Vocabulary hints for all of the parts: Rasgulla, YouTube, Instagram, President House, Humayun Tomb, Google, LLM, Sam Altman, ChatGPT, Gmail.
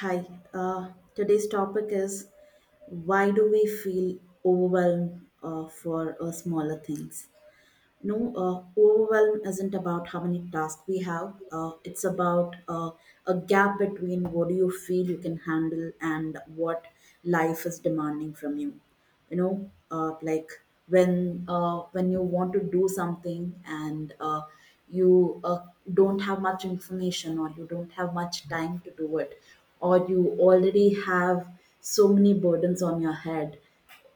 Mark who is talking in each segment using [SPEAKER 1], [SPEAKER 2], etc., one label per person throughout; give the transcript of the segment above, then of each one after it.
[SPEAKER 1] Hi, today's topic is why do we feel overwhelmed for smaller things? No, overwhelm isn't about how many tasks we have, it's about a gap between what do you feel you can handle and what life is demanding from you. You know Like when you want to do something, and you don't have much information, or you don't have much time to do it, or you already have so many burdens on your head.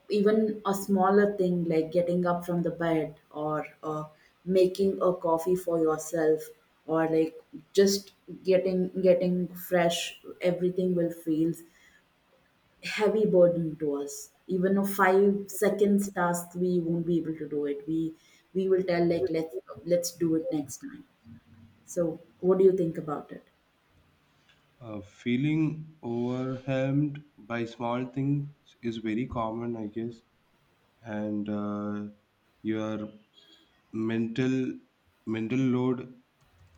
[SPEAKER 1] Even a smaller thing like getting up from the bed, or making a coffee for yourself, or like just getting fresh, everything will feel heavy burden to us. Even a 5 seconds task we won't be able to do it. We will tell like, let's do it next time. So what do you think about it?
[SPEAKER 2] Feeling overwhelmed by small things is very common, I guess, and your mental mental load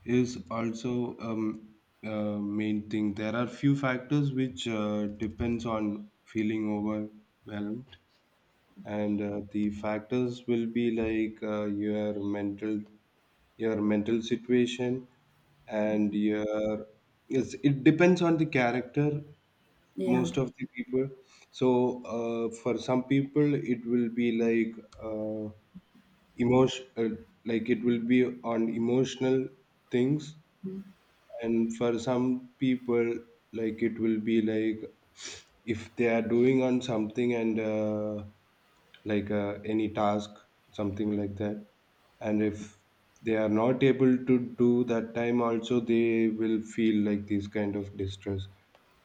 [SPEAKER 2] is also main thing. There are few factors which depends on feeling overwhelmed, and the factors will be like your mental situation and your yes it depends on the character
[SPEAKER 1] Yeah,
[SPEAKER 2] most of the people so for some people it will be like uh, emotion like it will be on emotional things and for some people like it will be like if they are doing on something and any task something like that and if they are not able to do that time also they will feel like this kind of distress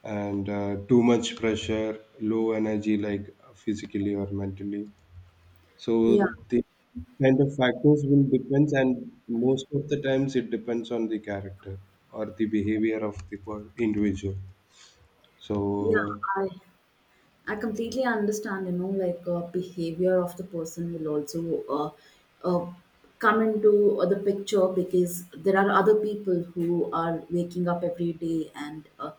[SPEAKER 2] and too much pressure low energy like physically or mentally so
[SPEAKER 1] yeah,
[SPEAKER 2] the kind of factors will depends, and most of the times it depends on the character or the behavior of the individual.
[SPEAKER 1] yeah.
[SPEAKER 2] So
[SPEAKER 1] I completely understand, you know, like behavior of the person will also uh, come into the picture, because there are other people who are waking up every day and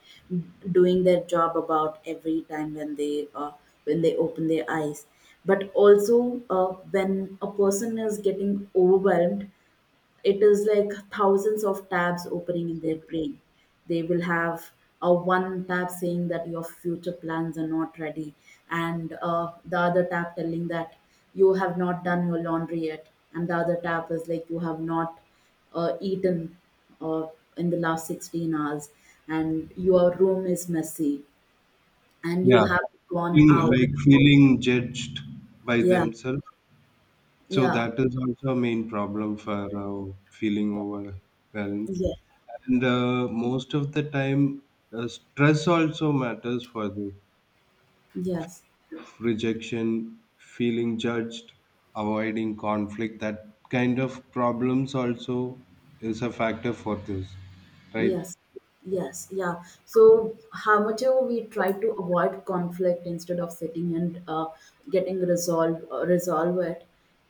[SPEAKER 1] doing their job about every time when they open their eyes. But also, when a person is getting overwhelmed, it is like thousands of tabs opening in their brain. They will have a one tab saying that your future plans are not ready, and the other tab telling that you have not done your laundry yet, and the other tab is like you have not eaten uh, in the last 16 hours, and your room is messy, and you
[SPEAKER 2] yeah,
[SPEAKER 1] have gone out.
[SPEAKER 2] feeling judged by
[SPEAKER 1] Yeah,
[SPEAKER 2] themselves. So
[SPEAKER 1] yeah,
[SPEAKER 2] that is also a main problem for feeling overwhelmed.
[SPEAKER 1] yeah,
[SPEAKER 2] And most of the time, stress also matters for this.
[SPEAKER 1] yes.
[SPEAKER 2] Rejection, feeling judged, avoiding conflict. That kind of problems also is a factor for this, right?
[SPEAKER 1] Yes, yes, yeah. So, how much ever we try to avoid conflict instead of sitting and getting resolve it,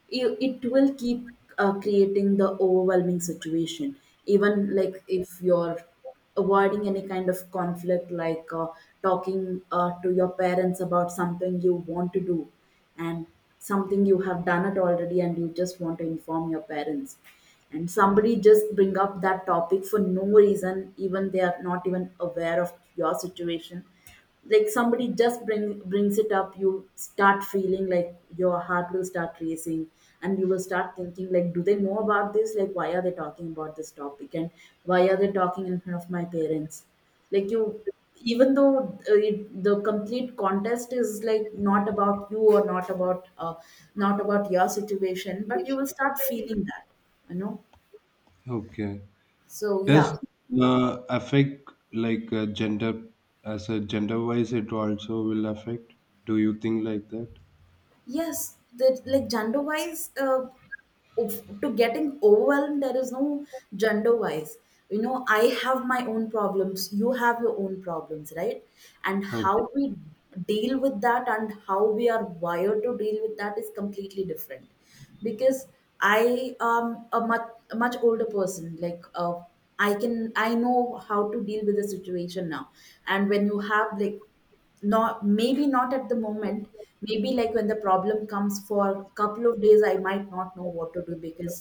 [SPEAKER 1] you, it will keep creating the overwhelming situation. Even like if you're avoiding any kind of conflict, like talking to your parents about something you want to do, and something you have done it already and you just want to inform your parents, and somebody just bring up that topic for no reason, even they are not even aware of your situation. Like somebody just brings it up, you start feeling like your heart will start racing, and you will start thinking like, do they know about this, like why are they talking about this topic, and why are they talking in front of my parents? Like, you, even though the complete contest is like not about you, or not about not about your situation, but you will start feeling that, you know.
[SPEAKER 2] Okay.
[SPEAKER 1] So yeah.
[SPEAKER 2] Does affect like gender as a gender wise? It also will affect. Do you think like that?
[SPEAKER 1] Yes, the like gender wise, to getting overwhelmed, there is no gender wise. You know, I have my own problems, you have your own problems, right? And
[SPEAKER 2] Okay.
[SPEAKER 1] how we deal with that and how we are wired to deal with that is completely different. Because I am a much older person, like I know how to deal with the situation now. And when you have like, not maybe not at the moment, maybe like when the problem comes for a couple of days, I might not know what to do, because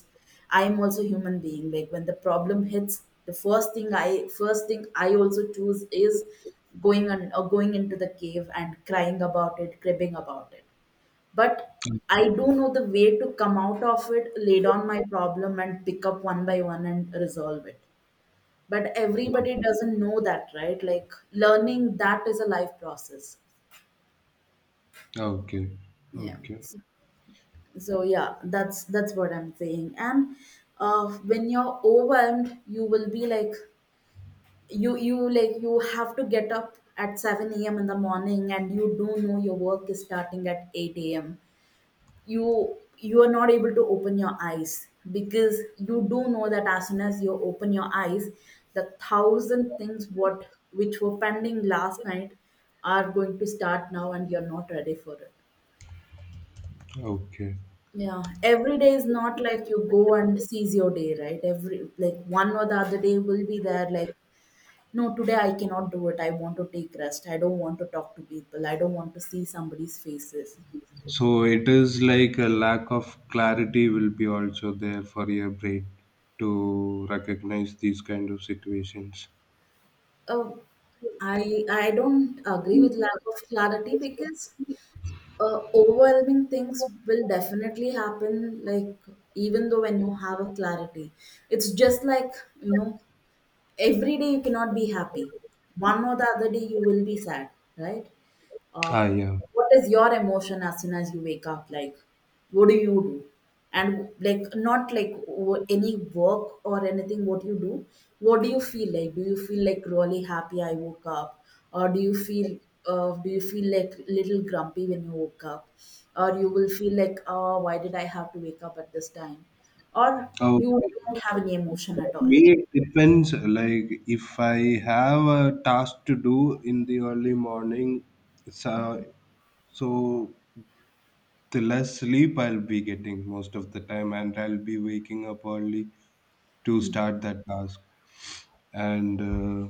[SPEAKER 1] I am also human being. Like when the problem hits, the first thing I also choose is going on or going into the cave and crying about it, cribbing about it. But I do know the way to come out of it, lay down my problem and pick up one by one and resolve it. But
[SPEAKER 2] Yeah.
[SPEAKER 1] everybody doesn't know that, right? Like, learning that is a life process.
[SPEAKER 2] Okay.
[SPEAKER 1] Yeah.
[SPEAKER 2] Okay.
[SPEAKER 1] So yeah, that's what I'm saying. And when you're overwhelmed you will be like, you like you have to get up at 7 a.m. in the morning and you do know your work is starting at 8 a.m. You are not able to open your eyes, because you do know that as soon as you open your eyes the thousand things what which were pending last night are going to start now, and you're not ready for it.
[SPEAKER 2] Okay.
[SPEAKER 1] Yeah, every day is not like you go and seize your day, right? Every like one or the other day will be there like, no, today I cannot do it. I want to take rest. I don't want to talk to people. I don't want to see somebody's faces.
[SPEAKER 2] So it is like a lack of clarity will be also there for your brain to recognize these kind of situations.
[SPEAKER 1] Oh, I don't agree with lack of clarity, because overwhelming things will definitely happen, like even though when you have a clarity. It's just like, you know, every day you cannot be happy. One or the other day you will be sad, right? Uh,
[SPEAKER 2] Ah, yeah.
[SPEAKER 1] what is your emotion as soon as you wake up? Like, what do you do? And like, not like any work or anything. What you do? What do you feel like? Do you feel like really happy, I woke up, or do you feel? Do you feel like little grumpy when you woke up, or you will feel like, oh, why did I have to wake up at this time, or
[SPEAKER 2] Oh,
[SPEAKER 1] you don't have any emotion at all?
[SPEAKER 2] me, it depends. Like if I have a task to do in the early morning, so so the less sleep I'll be getting most of the time, and I'll be waking up early to start that task. And uh,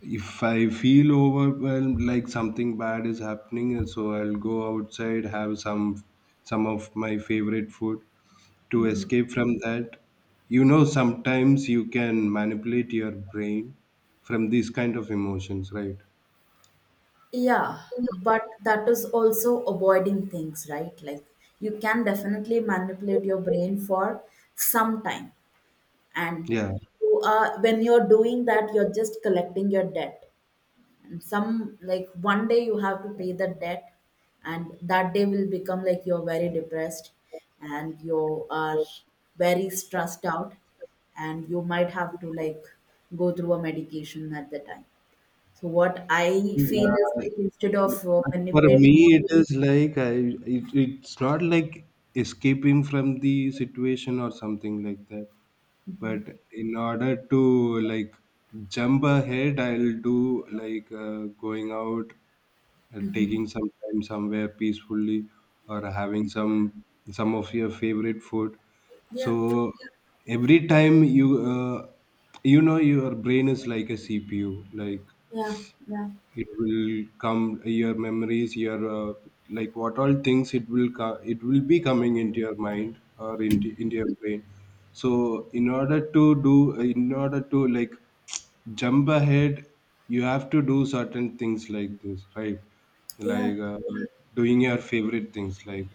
[SPEAKER 2] if I feel overwhelmed like something bad is happening and so I'll go outside, have some of my favorite food to
[SPEAKER 1] Mm-hmm.
[SPEAKER 2] escape from that. You know, sometimes you can manipulate your brain from these kind of emotions, right?
[SPEAKER 1] Yeah, but that is also avoiding things, right? Like, you can definitely manipulate your brain for some time. And
[SPEAKER 2] Yeah,
[SPEAKER 1] when you're doing that, you're just collecting your debt. And some, like one day you have to pay the debt, and that day will become like you're very depressed, and you are very stressed out, and you might have to like go through a medication at the time. So what I feel
[SPEAKER 2] yeah.
[SPEAKER 1] is like instead of
[SPEAKER 2] For
[SPEAKER 1] manipulating.
[SPEAKER 2] me it is like it's not like escaping from the situation or something like that, but in order to like jump ahead I'll do like going out, taking some time somewhere peacefully, or having some of your favorite food. So
[SPEAKER 1] Yeah,
[SPEAKER 2] every time you uh, you know your brain is like a CPU, like
[SPEAKER 1] yeah, yeah,
[SPEAKER 2] it will come your memories your like what all things it will be coming into your mind or into your brain. So in order to like jump ahead you have to do certain things like this, right?
[SPEAKER 1] yeah,
[SPEAKER 2] Like doing your favorite things, like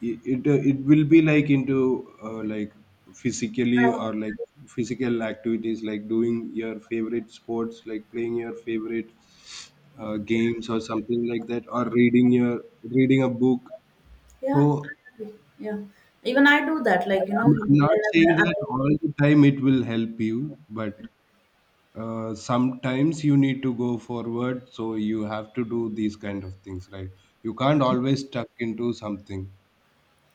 [SPEAKER 2] it will be like into like physically
[SPEAKER 1] I,
[SPEAKER 2] or like physical activities, like doing your favorite sports, like playing your favorite games or something like that, or reading a book. So
[SPEAKER 1] yeah, I agree. Yeah. Even I do that,
[SPEAKER 2] I,
[SPEAKER 1] like,
[SPEAKER 2] I'm not saying
[SPEAKER 1] whenever.
[SPEAKER 2] that all the time it will help you, but sometimes you need to go forward so you have to do these kind of things, right? You can't always stuck into something.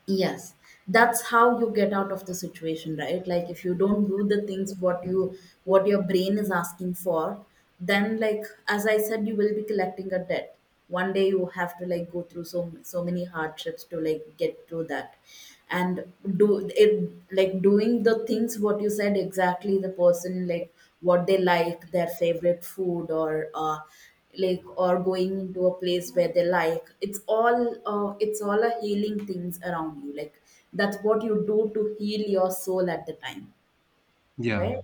[SPEAKER 1] Yes, that's how you get out of the situation, right? Like if you don't do the things what your brain is asking for, then like as I said, you will be collecting a debt. One day you have to like go through so many hardships to like get through that. And do it like doing the things what you said, exactly the person, like what they like, their favorite food, or like or going into a place where they like, it's all it's all a healing things around you, like that's what you do to heal your soul at the time,
[SPEAKER 2] Yeah,
[SPEAKER 1] right?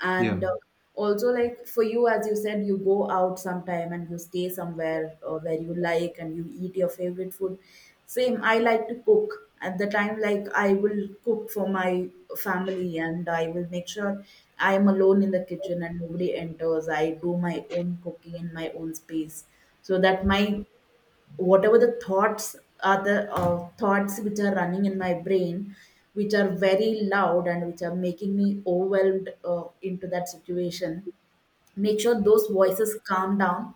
[SPEAKER 1] And
[SPEAKER 2] yeah.
[SPEAKER 1] also, like for you, as you said, you go out sometime and you stay somewhere where you like and you eat your favorite food. Same, I like to cook. At the time, like I will cook for my family and I will make sure I am alone in the kitchen and nobody enters. I do my own cooking in my own space, so that my, whatever the thoughts are, the thoughts which are running in my brain, which are very loud and which are making me overwhelmed into that situation, make sure those voices calm down,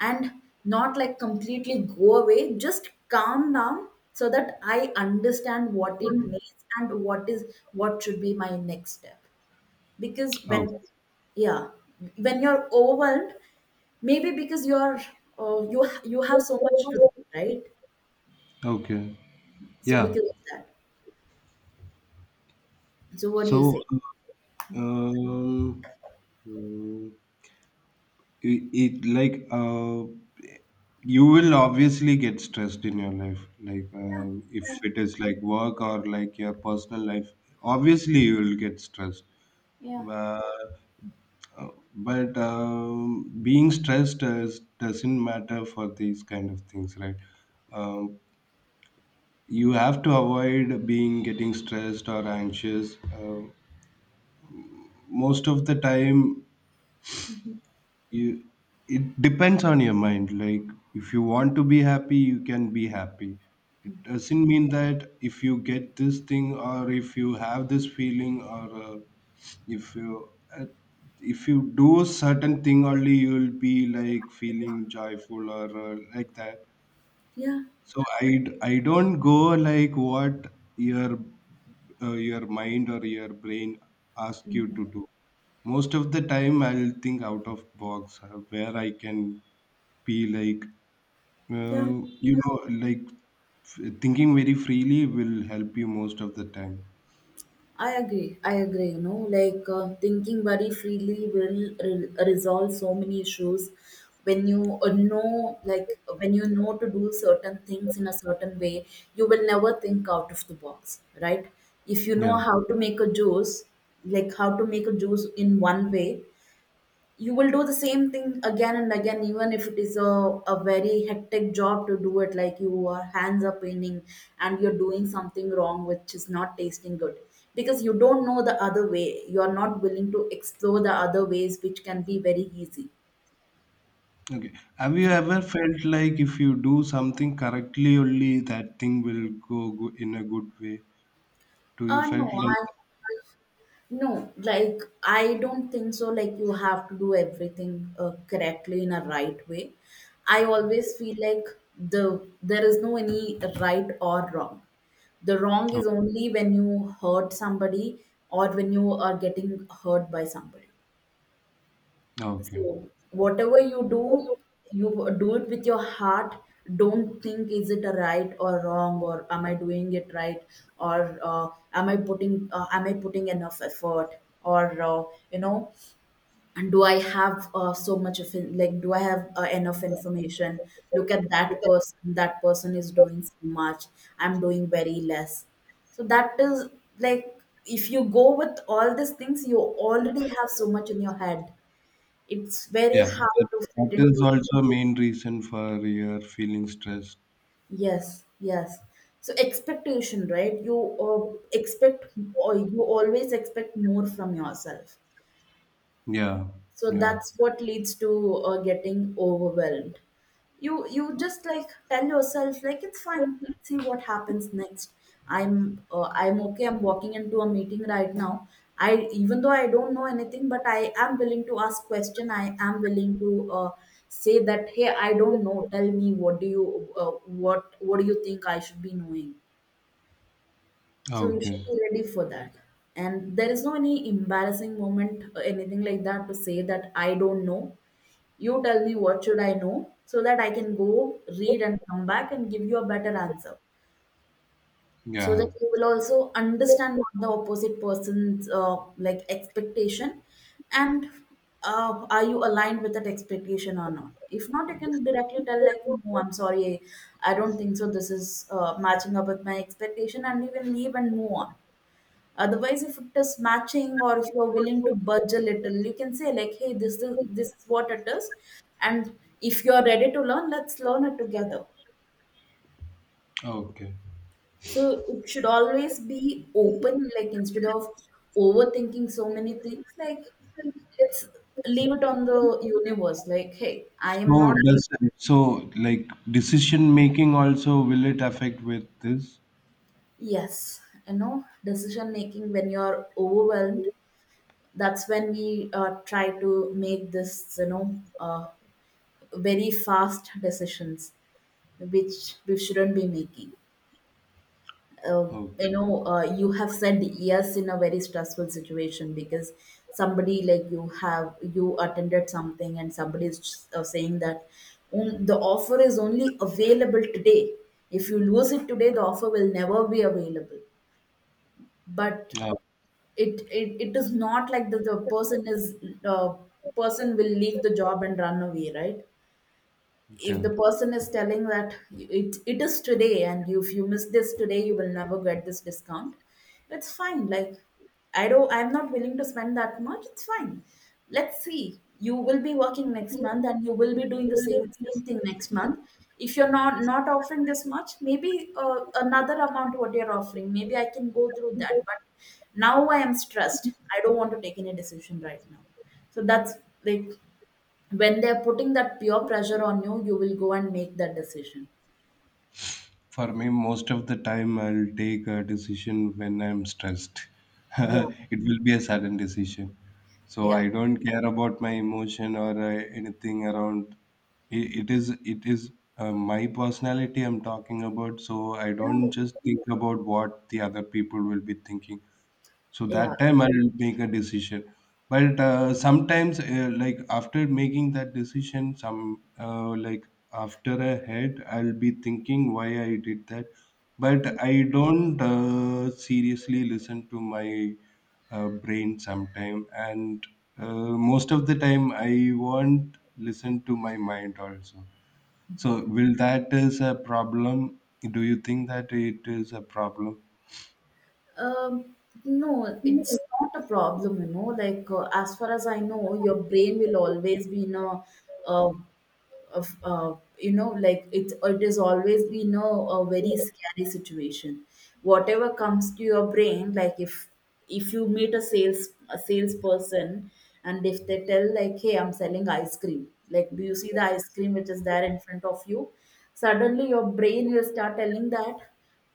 [SPEAKER 1] and not like completely go away, just calm down, so that I understand what it means and what is, what should be my next step. Because
[SPEAKER 2] Oh,
[SPEAKER 1] yeah when you're overwhelmed, maybe because you're you have so much to do, right?
[SPEAKER 2] okay.
[SPEAKER 1] So
[SPEAKER 2] Yeah.
[SPEAKER 1] because of that. So what do you
[SPEAKER 2] So,
[SPEAKER 1] say?
[SPEAKER 2] um, mm, it like you will obviously get stressed in your life, like if
[SPEAKER 1] Yeah,
[SPEAKER 2] it is like work or like your personal life. Obviously, you will get stressed.
[SPEAKER 1] yeah,
[SPEAKER 2] Uh, uh, but doesn't matter for these kind of things, right? Um, you have to avoid being getting stressed or anxious. Most of the time, you it depends on your mind. Like if you want to be happy you can be happy. It doesn't mean that if you get this thing or if you have this feeling or if you uh, if you do certain thing only you will be like feeling joyful or like that.
[SPEAKER 1] yeah,
[SPEAKER 2] So I don't go like what your your mind or your brain ask you to do. Most of the time, I'll think out of box where I can be like
[SPEAKER 1] yeah,
[SPEAKER 2] you know like thinking very freely will help you most of the time.
[SPEAKER 1] I agree. I agree. You know, like thinking very freely will resolve so many issues. When you know to do certain things in a certain way, you will never think out of the box, right? If you know
[SPEAKER 2] Yeah.
[SPEAKER 1] how to make a juice, like how to make a juice in one way, you will do the same thing again and again, even if it is a very hectic job to do it, like your hands are paining and you're doing something wrong which is not tasting good, because you don't know the other way, you are not willing to explore the other ways which can be very easy.
[SPEAKER 2] Okay. Have you ever felt like if you do something correctly, only that thing will go in a good way? Do you
[SPEAKER 1] uh no
[SPEAKER 2] felt
[SPEAKER 1] i
[SPEAKER 2] like?
[SPEAKER 1] no, like I don't think so, like you have to do everything correctly in a right way. I always feel like there is no any right or wrong. The wrong
[SPEAKER 2] Oh,
[SPEAKER 1] is only when you hurt somebody, or when you are getting hurt by somebody.
[SPEAKER 2] okay.
[SPEAKER 1] So whatever you do it with your heart. Don't think, is it a right or wrong, or am I doing it right, or am I putting enough effort, or you know and do I have so much of like do I have enough information. Look at that person, that person is doing so much, I'm doing very less. So that is like, if you go with all these things, you already have so much in your head, it's very
[SPEAKER 2] Yeah,
[SPEAKER 1] hard to fit
[SPEAKER 2] that is
[SPEAKER 1] into.
[SPEAKER 2] also main reason for your feeling stressed.
[SPEAKER 1] Yes, yes. So expectation, right? You expect, or you always expect more from yourself.
[SPEAKER 2] Yeah,
[SPEAKER 1] So
[SPEAKER 2] yeah.
[SPEAKER 1] that's what leads to getting overwhelmed. You just like tell yourself like it's fine, let's see what happens next. I'm I'm okay, I'm walking into a meeting right now. I, even though I don't know anything, but I am willing to ask question, I am willing to say that, hey, I don't know, tell me what do you, uh, what do you think I should be knowing. So you should
[SPEAKER 2] Okay.
[SPEAKER 1] be ready for that. And there is no any embarrassing moment or anything like that to say that I don't know. You tell me what should I know so that I can go read and come back and give you a better answer. So that
[SPEAKER 2] Yeah.
[SPEAKER 1] you will also understand what the opposite person's like expectation, and are you aligned with that expectation or not? If not, you can directly tell like, no, I'm sorry, I don't think so. This is matching up with my expectation, and you can leave and move on. Otherwise, if it is matching or if you're willing to budge a little, you can say like, "Hey, this is what it is," and if you're ready to learn, let's learn it together.
[SPEAKER 2] Okay.
[SPEAKER 1] So it should always be open, like instead of overthinking so many things, like let's leave it on the universe. Like, hey, I am
[SPEAKER 2] So
[SPEAKER 1] not.
[SPEAKER 2] does so like decision making also will it affect with this?
[SPEAKER 1] Yes, you know, decision making when you're overwhelmed, that's when we try to make this, very fast decisions. Which we shouldn't be making.
[SPEAKER 2] Okay.
[SPEAKER 1] You have said yes in a very stressful situation because somebody, like you have, you attended something and somebody is saying that, the offer is only available today. If you lose it today, the offer will never be available. But
[SPEAKER 2] Yeah.
[SPEAKER 1] it is not like that. The person is, uh, person will leave the job and run away, right? If
[SPEAKER 2] Yeah.
[SPEAKER 1] the person is telling that it is today, and if you miss this today you will never get this discount, it's fine. Like, I don't I'm not willing to spend that much, it's fine. Let's see, you will be working next month and you will be doing the same thing next month. If you're not offering this much, maybe another amount what you're offering, maybe I can go through that. But now I am stressed, I don't want to take any decision right now. So that's like, when they're putting that pure pressure on you, you will go and make that decision.
[SPEAKER 2] For me, most of the time, I'll take a decision when I'm stressed.
[SPEAKER 1] Yeah.
[SPEAKER 2] It will be a sudden decision. So
[SPEAKER 1] Yeah.
[SPEAKER 2] I don't care about my emotion or anything around. It is my personality I'm talking about. So I don't
[SPEAKER 1] Right.
[SPEAKER 2] just think about what the other people will be thinking, so
[SPEAKER 1] Yeah.
[SPEAKER 2] that time I'll make a decision. But sometimes like after making that decision, some like after a head I'll be thinking why I did that. But I don't seriously listen to my brain sometime, and most of the time I won't listen to my mind also. So will that is a problem? Do you think that it is a problem?
[SPEAKER 1] Um, no, it's not a problem, you know. Like, as far as I know, your brain will always be in a, uh, of you know, like it is always been a very scary situation. Whatever comes to your brain, like if you meet a sales a salesperson, and if they tell like, hey, I'm selling ice cream, like, do you see the ice cream which is there in front of you? Suddenly your brain will start telling that,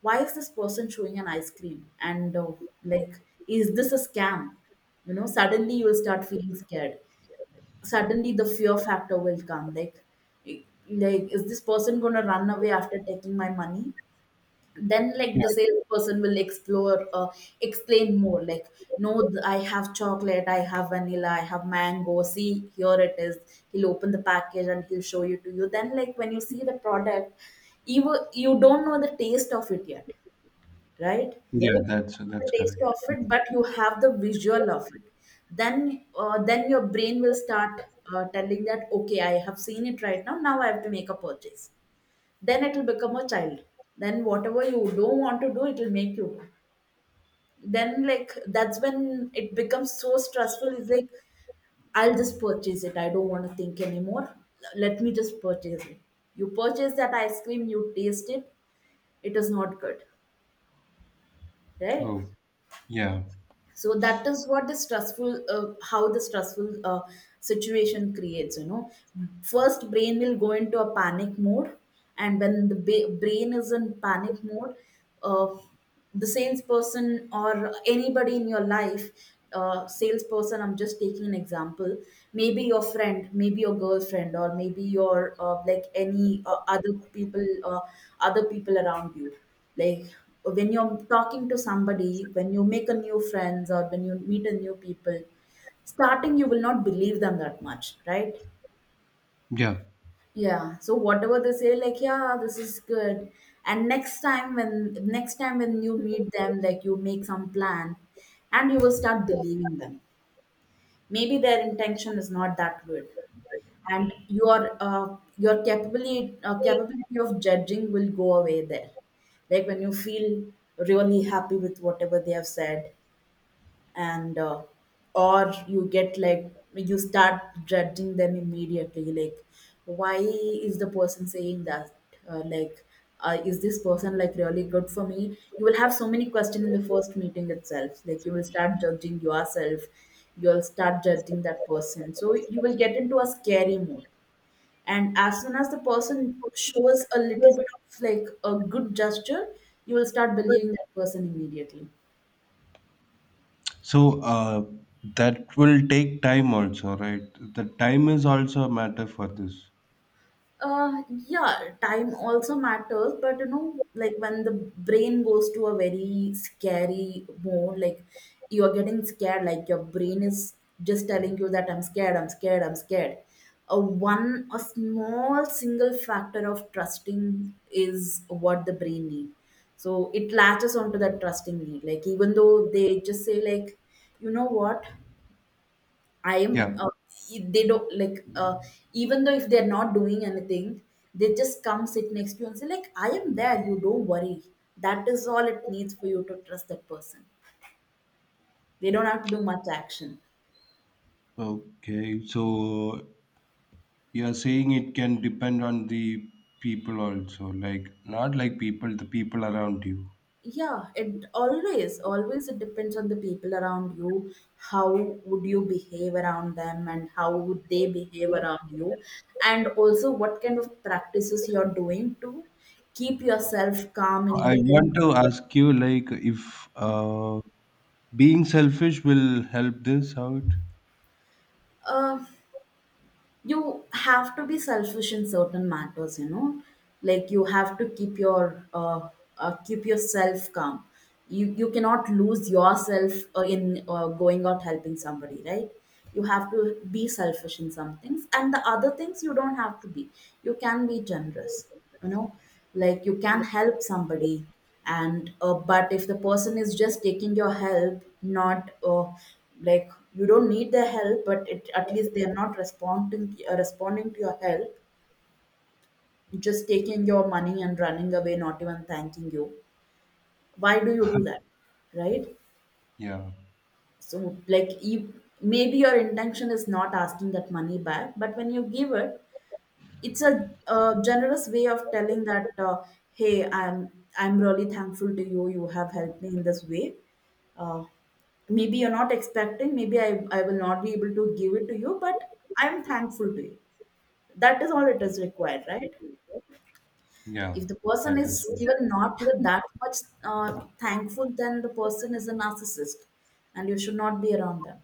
[SPEAKER 1] why is this person showing an ice cream, and like, is this a scam? You know, suddenly you will start feeling scared, suddenly the fear factor will come, like is this person going to run away after taking my money? Then like
[SPEAKER 2] Yeah,
[SPEAKER 1] the salesperson will explore explain more, like, no, I have chocolate, I have vanilla, I have mango, see, here it is. He'll open the package and he'll show you to you. Then like, when you see the product, you don't know the taste of it yet, right?
[SPEAKER 2] yeah,
[SPEAKER 1] The
[SPEAKER 2] that's
[SPEAKER 1] taste of
[SPEAKER 2] correct.
[SPEAKER 1] it, but you have the visual of it. Then your brain will start telling that, okay, I have seen it right now. Now I have to make a purchase. Then it will become a child. Then whatever you don't want to do, it will make you. Then like that's when it becomes so stressful. It's like, I'll just purchase it, I don't want to think anymore. Let me just purchase it. You purchase that ice cream, you taste it. It is not good, right?
[SPEAKER 2] Oh, yeah,
[SPEAKER 1] So that is what the stressful, how the stressful situation creates, you know. First brain will go into a panic mode, and when the brain is in panic mode, uh, the salesperson or anybody in your life, salesperson I'm just taking an example, maybe your friend, maybe your girlfriend, or maybe your like any other people around you. Like, when you're talking to somebody, when you make a new friends or when you meet a new people, starting you will not believe them that much, right?
[SPEAKER 2] yeah.
[SPEAKER 1] Yeah, so whatever they say, like, yeah, this is good. And next time when you meet them, like you make some plan, and you will start believing them. Maybe their intention is not that good, and your capability of judging will go away there. Like, when you feel really happy with whatever they have said, and or you get like, you start judging them immediately, like, why is the person saying that, like, is this person like really good for me? You will have so many questions in the first meeting itself, like you will start judging yourself, you'll start judging that person, so you will get into a scary mood. And as soon as the person shows a little bit of like a good gesture, you will start believing that person immediately.
[SPEAKER 2] So that will take time also, right? The time is also a matter for this.
[SPEAKER 1] Uh, yeah, time also matters, but you know, like when the brain goes to a very scary mode, like you're getting scared, like your brain is just telling you that I'm scared, I'm scared, I'm scared. A one, a small single factor of trusting is what the brain need, so it latches onto that trusting need. Like, even though they just say like, you know what, I am.
[SPEAKER 2] Yeah.
[SPEAKER 1] They don't like. Even though if they're not doing anything, they just come sit next to you and say like, "I am there. You don't worry." That is all it needs for you to trust that person. They don't have to do much action.
[SPEAKER 2] Okay. So you're saying it can depend on the people also, like not like people, the people around you.
[SPEAKER 1] Yeah, it always, always it depends on the people around you. How would you behave around them, and how would they behave around you, and also what kind of practices you're doing to keep yourself calm
[SPEAKER 2] So, I
[SPEAKER 1] in,
[SPEAKER 2] want to ask you, like, if being selfish will help this out?
[SPEAKER 1] uh, you have to be selfish in certain matters, you know. Like you have to keep your keep yourself calm. You cannot lose yourself in going out helping somebody, right? You have to be selfish in some things, and the other things you don't have to be, you can be generous, you know. Like you can help somebody, and but if the person is just taking your help, not like, you don't need their help, but at least they are not responding to your help, just taking your money and running away, not even thanking you, why do you do that, right?
[SPEAKER 2] Yeah.
[SPEAKER 1] So like you, maybe your intention is not asking that money back, but when you give it, it's a generous way of telling that, hey, I'm really thankful to you, you have helped me in this way, uh, maybe you're not expecting, maybe I will not be able to give it to you, but I'm thankful to you. That is all it is required, right?
[SPEAKER 2] Yeah.
[SPEAKER 1] If the person
[SPEAKER 2] That is.
[SPEAKER 1] is even not that much thankful, then the person is a narcissist, and you should not be around them.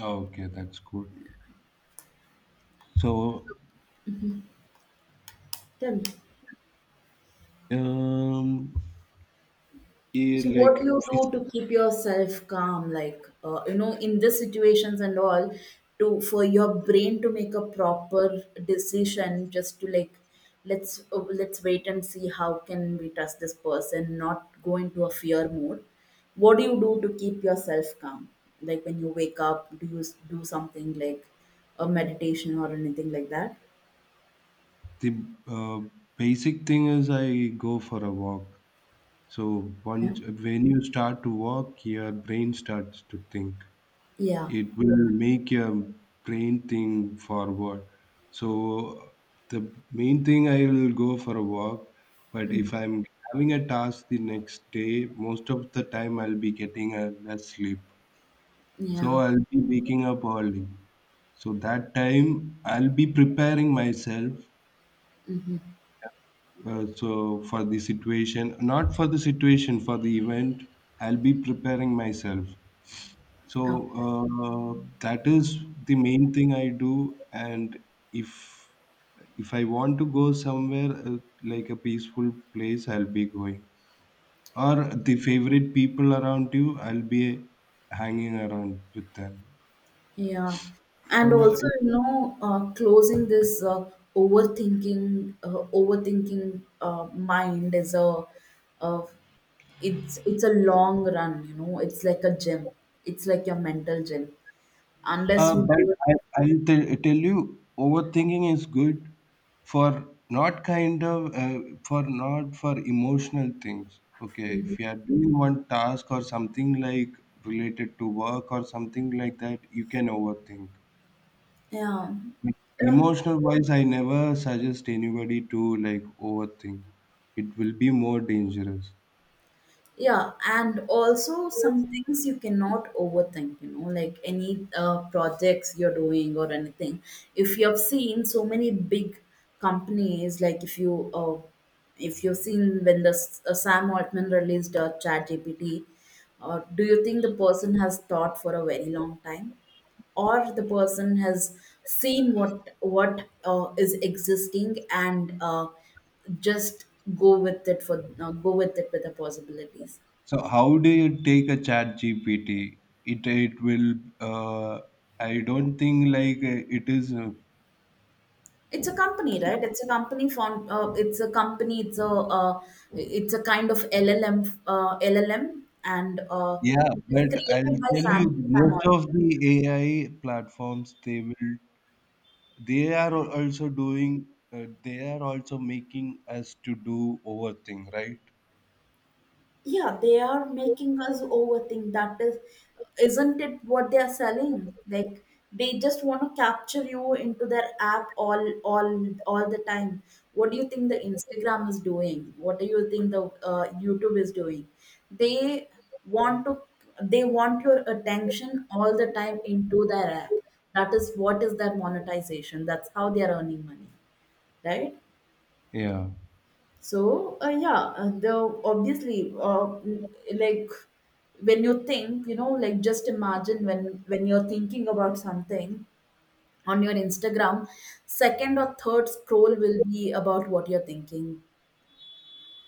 [SPEAKER 2] Okay, that's cool. So,
[SPEAKER 1] Tell me.
[SPEAKER 2] um, eh,
[SPEAKER 1] So what do
[SPEAKER 2] like
[SPEAKER 1] you do
[SPEAKER 2] fis-
[SPEAKER 1] to keep yourself calm, like you know, in these situations and all, to for your brain to make a proper decision, just to like, let's wait and see how can we trust this person, not go into a fear mode. What do you do to keep yourself calm? Like when you wake up, do you do something like a meditation or anything like that?
[SPEAKER 2] the basic thing is I go for a walk. So
[SPEAKER 1] Yeah.
[SPEAKER 2] once when you start to walk, your brain starts to think.
[SPEAKER 1] Yeah.
[SPEAKER 2] It will make your brain think forward. So the main thing I will go for a walk. But
[SPEAKER 1] Mm.
[SPEAKER 2] if I'm having a task the next day, most of the time I'll be getting a less sleep. So
[SPEAKER 1] Yeah.
[SPEAKER 2] I'll be waking up early. So that time I'll be preparing myself
[SPEAKER 1] Mm-hmm.
[SPEAKER 2] for the situation, not for the situation, for the event. I'll be preparing myself. So
[SPEAKER 1] Oh.
[SPEAKER 2] that is the main thing I do. And if if I want to go somewhere like a peaceful place, I'll be going. Or the favorite people around you, I'll be hanging around with them.
[SPEAKER 1] Yeah, and
[SPEAKER 2] Uh,
[SPEAKER 1] also, you know, closing this overthinking mind is a, uh, it's a long run. You know, it's like a gym. It's like your mental gym. Unless
[SPEAKER 2] Uh,
[SPEAKER 1] you
[SPEAKER 2] but
[SPEAKER 1] do it,
[SPEAKER 2] I, I'll tell you, overthinking is good for not kind of uh, for not for emotional things. Okay, if you are doing one task or something like related to work or something like that, you can overthink.
[SPEAKER 1] yeah.
[SPEAKER 2] But
[SPEAKER 1] Yeah.
[SPEAKER 2] emotional wise, I never suggest anybody to like overthink. It will be more dangerous.
[SPEAKER 1] Yeah, and also some things you cannot overthink, you know, like any projects you're doing or anything. If you have seen so many big companies, like if you if you've seen when the Sam Altman released ChatGPT, do you think the person has thought for a very long time, or the person has seen what is existing, and just go with it for go with it with the possibilities?
[SPEAKER 2] So how do you take a chat GPT? It it will I don't think like it is.
[SPEAKER 1] It's a company, right? It's a company found. It's a company. It's a. It's a kind of LLM. Uh, LLM, and uh,
[SPEAKER 2] Yeah,
[SPEAKER 1] it is
[SPEAKER 2] but I'll
[SPEAKER 1] created by
[SPEAKER 2] tell you,
[SPEAKER 1] Sam
[SPEAKER 2] most of
[SPEAKER 1] Altman.
[SPEAKER 2] the AI platforms they are also doing they are also making us to do overthink, right?
[SPEAKER 1] Yeah, they are making us overthink. That is, isn't it what they are selling? Like they just want to capture you into their app all the time. What do you think the instagram is doing? What do you think the youtube is doing? they want to they want your attention all the time into their app. That is what is their monetization. That's how they are earning money, right?
[SPEAKER 2] Yeah,
[SPEAKER 1] So yeah, the obviously like when you think, you know, like just imagine when you're thinking about something on your Instagram, second or third scroll will be about what you're thinking.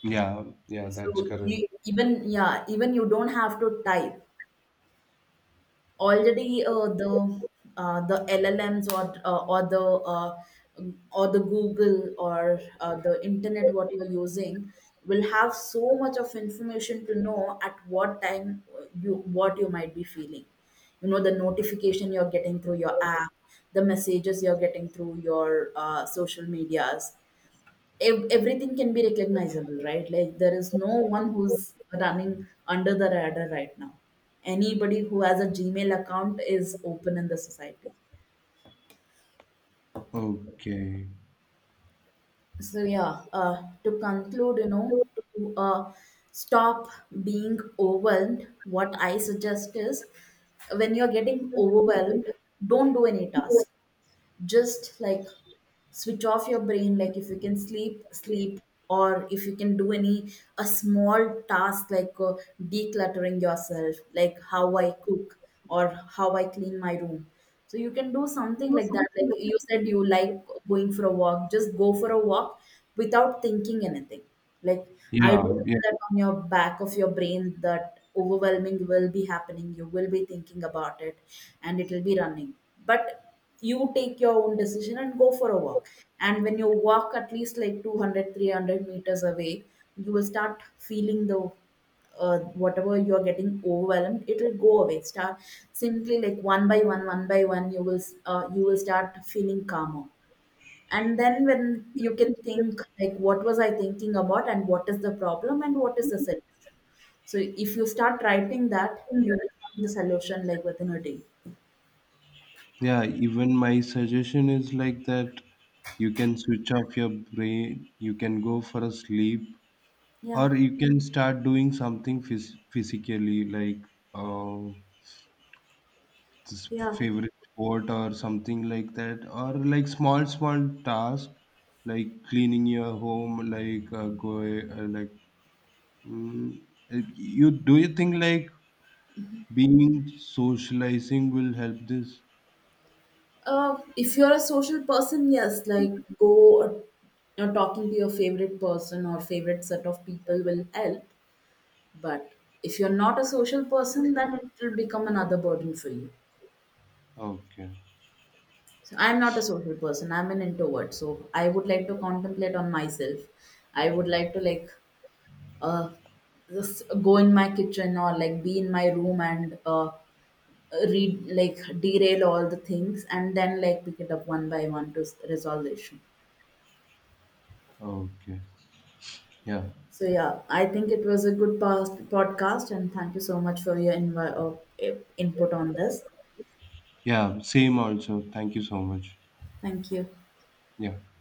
[SPEAKER 2] yeah, yeah, that's
[SPEAKER 1] So
[SPEAKER 2] correct.
[SPEAKER 1] you even, yeah, even you don't have to type already. The LLMs, or or the Google, or the internet, what you're using, will have so much of information to know at what time you, what you might be feeling. You know, the notification you're getting through your app, the messages you're getting through your social medias, everything can be recognizable, right? Like there is no one who's running under the radar right now. Anybody who has a Gmail account is open in the society.
[SPEAKER 2] Okay.
[SPEAKER 1] So yeah, to conclude, you know, to stop being overwhelmed, what I suggest is, when you're getting overwhelmed, don't do any task. Just like switch off your brain. Like if you can sleep, sleep, or if you can do any a small task, like decluttering yourself, like how I cook or how I clean my room. So you can do something like that. Like you said, you like going for a walk, just go for a walk without thinking anything. Like I do
[SPEAKER 2] Yeah,
[SPEAKER 1] know
[SPEAKER 2] yeah,
[SPEAKER 1] that on your back of your brain that overwhelming will be happening, you will be thinking about it and it will be running. But you take your own decision and go for a walk. And when you walk at least like 200, 300 meters away, you will start feeling the, whatever you are getting overwhelmed, it will go away. Start simply, like one by one, one by one, you will, you will start feeling calmer. And then when you can think, like what was I thinking about, and what is the problem, and what is the solution. So if you start writing that, you will find the solution like within a day.
[SPEAKER 2] yeah. Even my suggestion is like that you can switch off your brain, you can go for a sleep,
[SPEAKER 1] Yeah,
[SPEAKER 2] or you can start doing something physically, like uh, s-
[SPEAKER 1] yeah.
[SPEAKER 2] favorite sport or something like that, or like small small task like cleaning your home, like mm, uh, you do you think like being socializing will help this?
[SPEAKER 1] If you're a social person, yes, like go or, you know, talking to your favorite person or favorite set of people will help. But if you're not a social person, then it will become another burden for you.
[SPEAKER 2] Okay.
[SPEAKER 1] So I'm not a social person. I'm an introvert. So I would like to contemplate on myself. I would like to like uh, just go in my kitchen or like be in my room, and read, like derail all the things and then like pick it up one by one to resolve the issue.
[SPEAKER 2] Okay. Yeah,
[SPEAKER 1] So yeah, I think it was a good past podcast, and thank you so much for your input on this.
[SPEAKER 2] yeah, same also thank you so much.
[SPEAKER 1] Thank you.
[SPEAKER 2] Yeah.